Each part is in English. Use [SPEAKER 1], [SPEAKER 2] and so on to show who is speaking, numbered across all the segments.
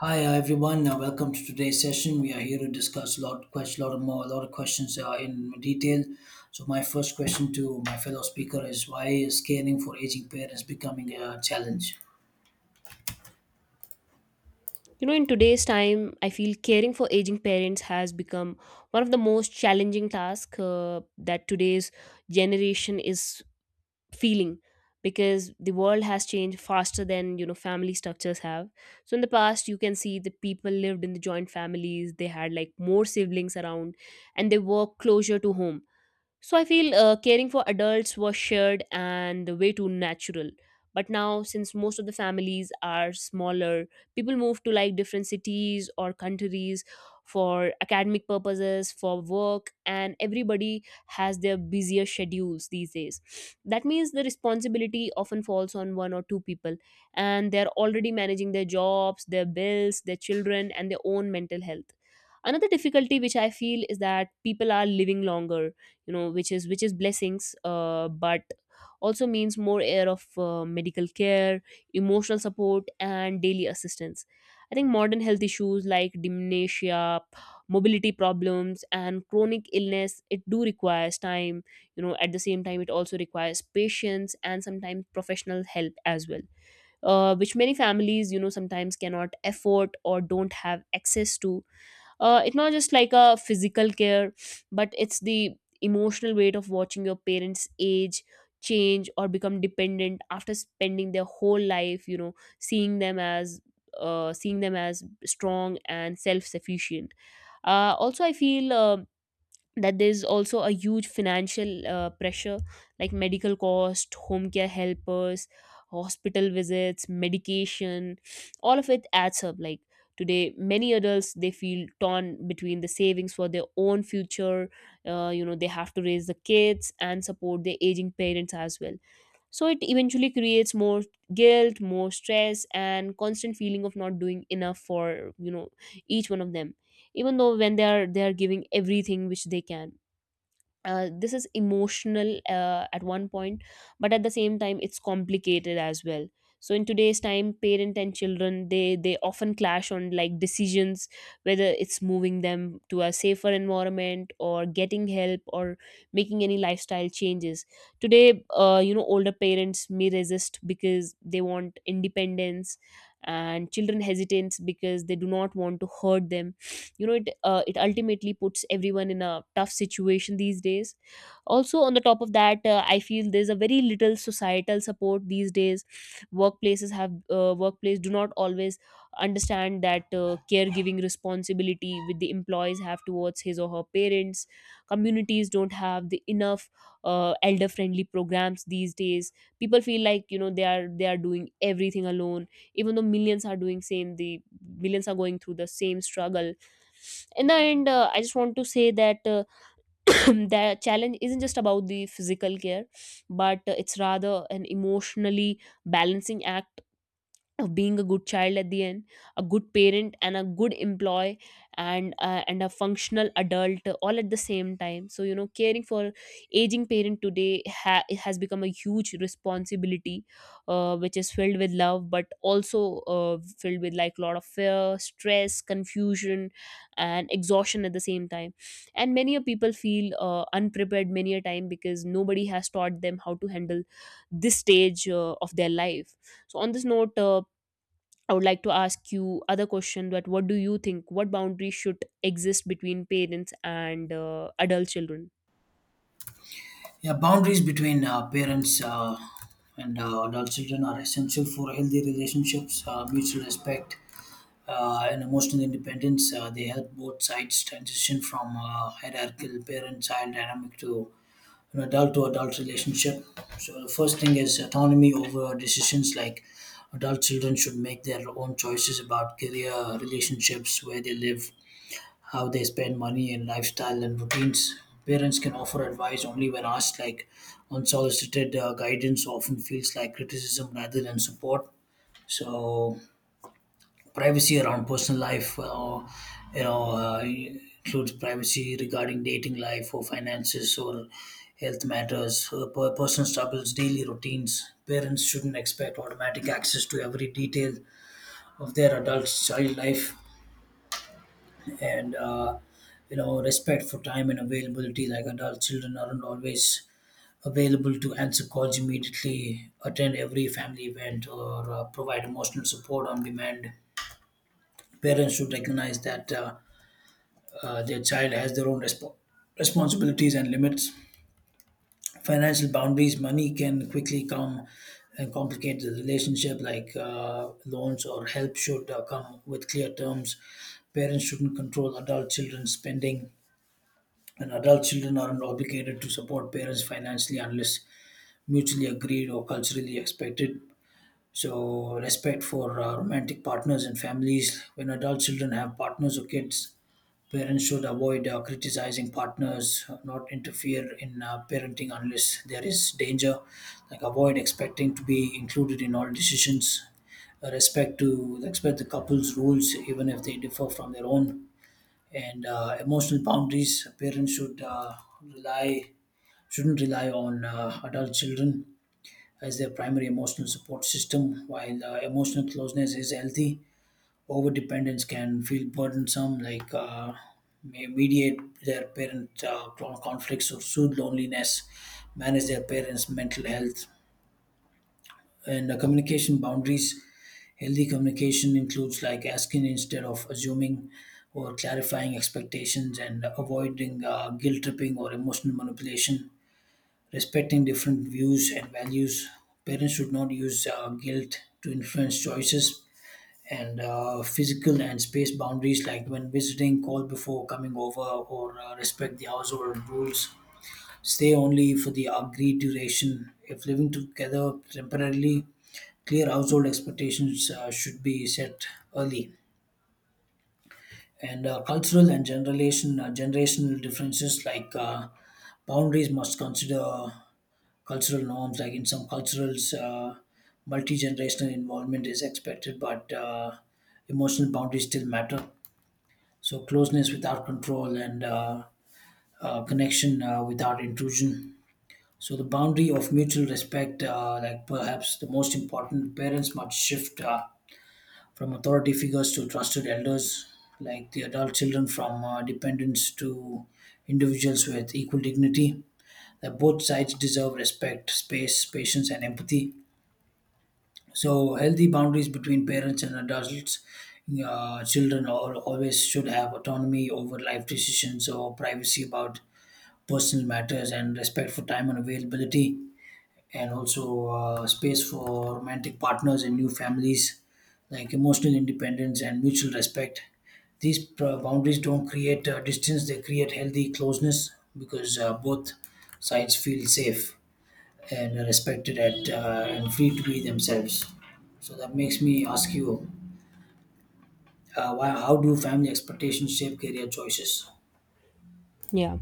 [SPEAKER 1] Hi everyone, welcome to today's session. We are here to discuss a lot of questions in detail. So my first question to my fellow speaker is why is caring for aging parents becoming a challenge?
[SPEAKER 2] You know, in today's time, I feel caring for aging parents has become one of the most challenging tasks that today's generation is feeling because the world has changed faster than you know family structures have. So in the past you can see the people lived in the joint families, they had like more siblings around and they worked closer to home. So I feel caring for adults was shared and way too natural. But now, since most of the families are smaller, people move to like different cities or countries for academic purposes, for work, and everybody has their busier schedules these days. That means the responsibility often falls on one or two people, and they're already managing their jobs, their bills, their children, and their own mental health. Another difficulty which I feel is that people are living longer, you know, which is blessings, but also means more air of medical care, emotional support and daily assistance. I think modern health issues like dementia, mobility problems and chronic illness, it do requires time, you know. At the same time it also requires patience and sometimes professional help as well, which many families, you know, sometimes cannot afford or don't have access to. It's not just like a physical care, but it's the emotional weight of watching your parents age, change or become dependent after spending their whole life, you know, seeing them as seeing them as strong and self-sufficient. Also I feel that there's also a huge financial pressure, like medical cost, home care helpers, hospital visits, medication, all of it adds up. Like today many adults, they feel torn between the savings for their own future. You know, they have to raise the kids and support their aging parents as well. So it eventually creates more guilt, more stress and constant feeling of not doing enough for, you know, each one of them, even though when they are giving everything which they can. This is emotional at one point, but at the same time it's complicated as well. So in today's time parent and children, they often clash on like decisions, whether it's moving them to a safer environment or getting help or making any lifestyle changes today. You know, older parents may resist because they want independence, and children hesitate because they do not want to hurt them, you know. It ultimately puts everyone in a tough situation these days. Also on the top of that, I feel there's a very little societal support these days. Workplaces have, workplace do not always understand that caregiving responsibility with the employees have towards his or her parents. Communities don't have the enough elder friendly programs these days. People feel like, you know, they are doing everything alone, even though millions are doing same, the millions are going through the same struggle. In the end, I just want to say that, the challenge isn't just about the physical care, but it's rather an emotionally balancing act of being a good child at the end, a good parent and a good employee and a functional adult, all at the same time. So you know caring for aging parent today has become a huge responsibility, which is filled with love but also, filled with like a lot of fear, stress, confusion and exhaustion at the same time. And many a people feel unprepared many a time because nobody has taught them how to handle this stage of their life. So on this note, I would like to ask you other question, that what do you think, what boundaries should exist between parents and adult children?
[SPEAKER 1] Yeah, boundaries between parents and adult children are essential for healthy relationships, mutual respect, and emotional independence. They help both sides transition from hierarchical parent-child dynamic to an adult to adult relationship. So the first thing is autonomy over decisions, like adult children should make their own choices about career, relationships, where they live, how they spend money and lifestyle and routines. Parents can offer advice only when asked, like unsolicited guidance often feels like criticism rather than support. So privacy around personal life you know uh, includes privacy regarding dating life or finances or health matters, personal struggles, daily routines. Parents shouldn't expect automatic access to every detail of their adult child life. And respect for time and availability, like adult children aren't always available to answer calls immediately, attend every family event, or provide emotional support on demand. Parents should recognize that their child has their own responsibilities and limits. Financial boundaries: money can quickly come and complicate the relationship, like loans or help should come with clear terms. Parents shouldn't control adult children's spending, and adult children aren't obligated to support parents financially unless mutually agreed or culturally expected. So, respect for romantic partners and families. When adult children have partners or kids, parents should avoid criticizing partners, not interfere in parenting unless there is danger. Like avoid expecting to be included in all decisions. Respect the couple's rules, even if they differ from their own. And emotional boundaries. Parents rely shouldn't rely on adult children as their primary emotional support system. While emotional closeness is healthy, over dependence can feel burdensome, like may mediate their parent conflicts or soothe loneliness, manage their parents' mental health, and communication boundaries. Healthy communication includes like asking instead of assuming, or clarifying expectations and avoiding guilt tripping or emotional manipulation. Respecting different views and values. Parents should not use guilt to influence choices. And physical and space boundaries, like when visiting, call before coming over or respect the household rules, stay only for the agreed duration if living together temporarily. Clear household expectations should be set early. And cultural and generation generational differences, like boundaries must consider cultural norms, like in some cultures multi-generational involvement is expected, but emotional boundaries still matter. So closeness without control, and connection without intrusion. So the boundary of mutual respect, like perhaps the most important, parents must shift from authority figures to trusted elders, like the adult children from dependents to individuals with equal dignity. That both sides deserve respect, space, patience, and empathy. So healthy boundaries between parents and adults, children al always should have autonomy over life decisions or privacy about personal matters and respect for time and availability, and also space for romantic partners and new families, like emotional independence and mutual respect. These boundaries don't create distance; they create healthy closeness because both sides feel safe and respected at and free to be themselves. So that makes me ask you, how do family expectations shape career choices?
[SPEAKER 2] Yeah.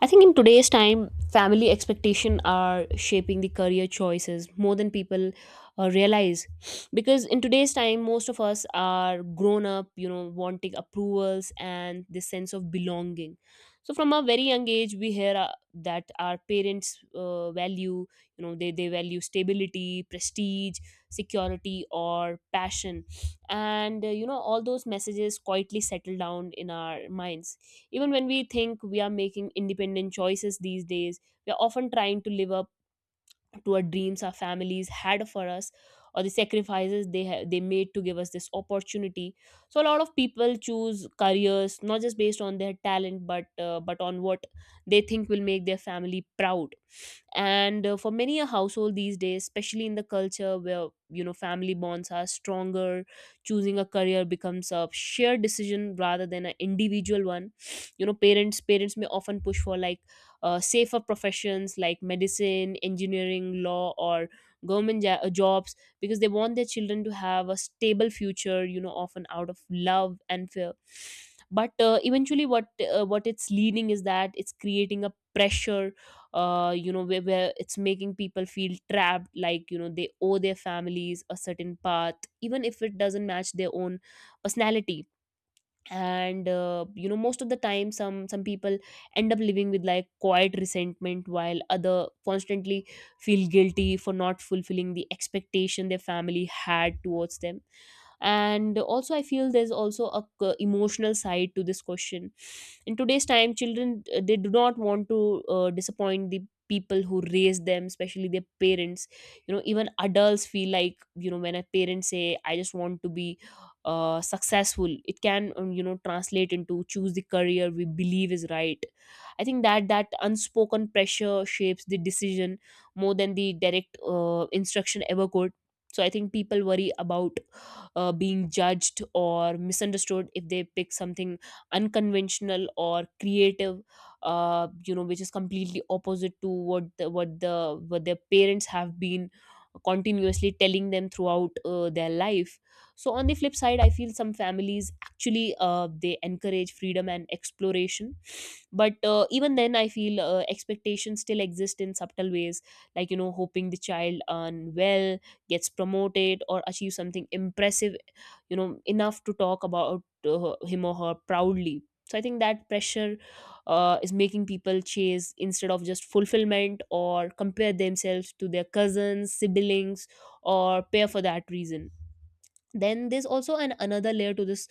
[SPEAKER 2] I think in today's time, family expectation are shaping the career choices more than people realize. Because in today's time, most of us are grown up, you know, wanting approvals and this sense of belonging. So from a very young age, we hear that our parents value, you know, they value stability, prestige, security, or passion, and, you know, all those messages quietly settle down in our minds. Even when we think we are making independent choices these days, we are often trying to live up to our dreams our families had for us, or the sacrifices they made to give us this opportunity. So a lot of people choose careers not just based on their talent, but on what they think will make their family proud. And for many a household these days, especially in the culture where, you know, family bonds are stronger, choosing a career becomes a shared decision rather than an individual one. You know, parents may often push for like safer professions like medicine, engineering, law, or government jobs, because they want their children to have a stable future, you know, often out of love and fear. But eventually, what, what it's leading is that it's creating a pressure, you know, where it's making people feel trapped, like you know, they owe their families a certain path, even if it doesn't match their own personality. And, you know, most of the time some people end up living with like quiet resentment, while other constantly feel guilty for not fulfilling the expectation their family had towards them. And also I feel there's also a emotional side to this question. In today's time children, they do not want to disappoint the people who raised them, especially their parents. You know, even adults feel like, you know, when a parent say I just want to be successful, it can, you know, translate into choose the career we believe is right. I think that unspoken pressure shapes the decision more than the direct instruction ever could. So I think people worry about being judged or misunderstood if they pick something unconventional or creative, you know, which is completely opposite to what the, what the what their parents have been continuously telling them throughout their life. So on the flip side, I feel some families actually, they encourage freedom and exploration. But even then I feel expectations still exist in subtle ways, like, you know, hoping the child earn well, gets promoted or achieves something impressive, you know, enough to talk about him or her proudly. So I think that pressure is making people chase instead of just fulfillment, or compare themselves to their cousins, siblings or pair for that reason. Then there's also an another layer to this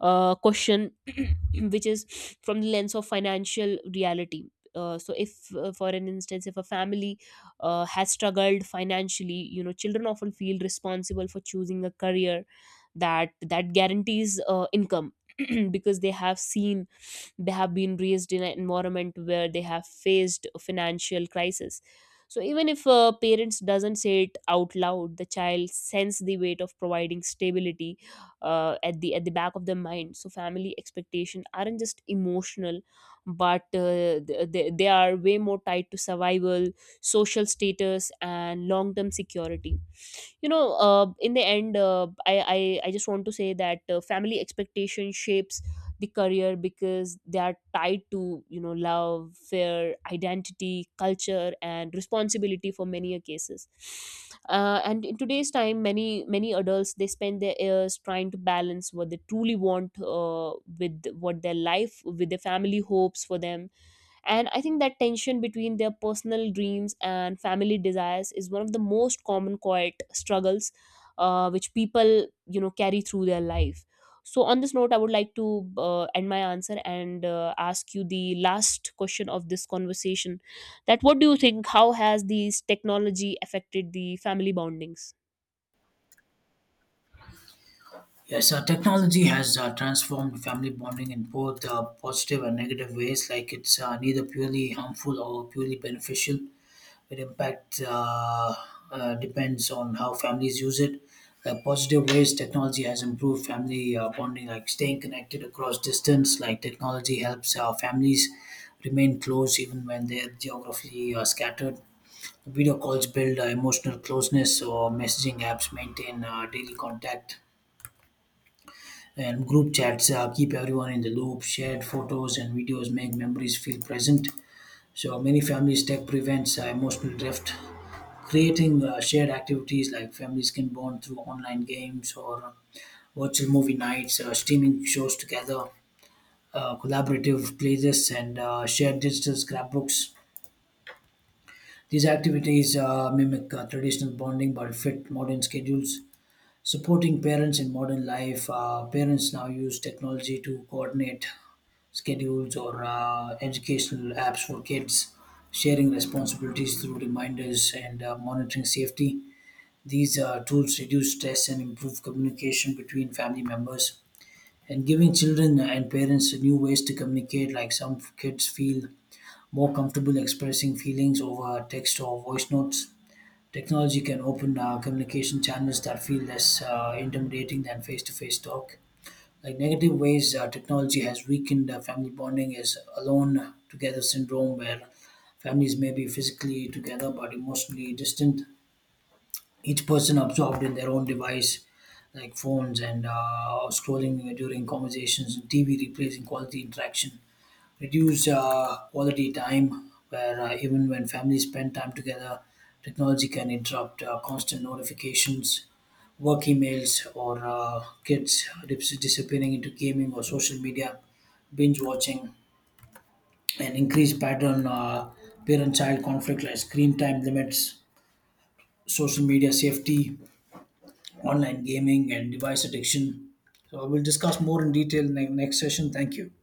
[SPEAKER 2] question, which is from the lens of financial reality. So if, for an instance, if a family has struggled financially, you know, children often feel responsible for choosing a career that guarantees income, because they have seen, they have been raised in an environment where they have faced a financial crisis. So even if, parents doesn't say it out loud, the child sense the weight of providing stability, at the back of their mind. So family expectation aren't just emotional, but they are way more tied to survival, social status and long term security. You know, in the end, I just want to say that, family expectation shapes the career because they are tied to, you know, love, fear, identity, culture and responsibility for many a cases. And in today's time many, many adults, they spend their years trying to balance what they truly want, uh, with what their life, with their family hopes for them. And I think that tension between their personal dreams and family desires is one of the most common quiet struggles, which people, you know, carry through their life. So, on this note, I would like to end my answer and ask you the last question of this conversation. That what do you think? How has these technology affected the family bondings?
[SPEAKER 1] Yes, technology has transformed family bonding in both positive and negative ways. Like it's neither purely harmful or purely beneficial. It impact depends on how families use it. Positive ways technology has improved family bonding, like staying connected across distance. Like technology helps our families remain close even when they're geographically scattered. Video calls build emotional closeness, or messaging apps maintain daily contact. And group chats keep everyone in the loop. Shared photos and videos make memories feel present, so many families tech prevents emotional drift. Creating shared activities, like families can bond through online games or virtual movie nights, streaming shows together, collaborative playlists, and shared digital scrapbooks. These activities mimic traditional bonding but fit modern schedules. Supporting parents in modern life, parents now use technology to coordinate schedules or educational apps for kids, sharing responsibilities through reminders and monitoring safety. These tools reduce stress and improve communication between family members. And giving children and parents new ways to communicate, like some kids feel more comfortable expressing feelings over text or voice notes. Technology can open communication channels that feel less intimidating than face to face talk. Like negative ways: technology has weakened family bonding is alone together syndrome, where families may be physically together but emotionally distant. Each person absorbed in their own device, like phones and scrolling during conversations and TV, replacing quality interaction, reduce quality time where even when families spend time together, technology can interrupt. Constant notifications, work emails, or kids disappearing into gaming or social media, binge watching, and increased pattern parent child conflict, like screen time limits, social media safety, online gaming and device addiction. So we'll discuss more in detail in the next session. Thank you.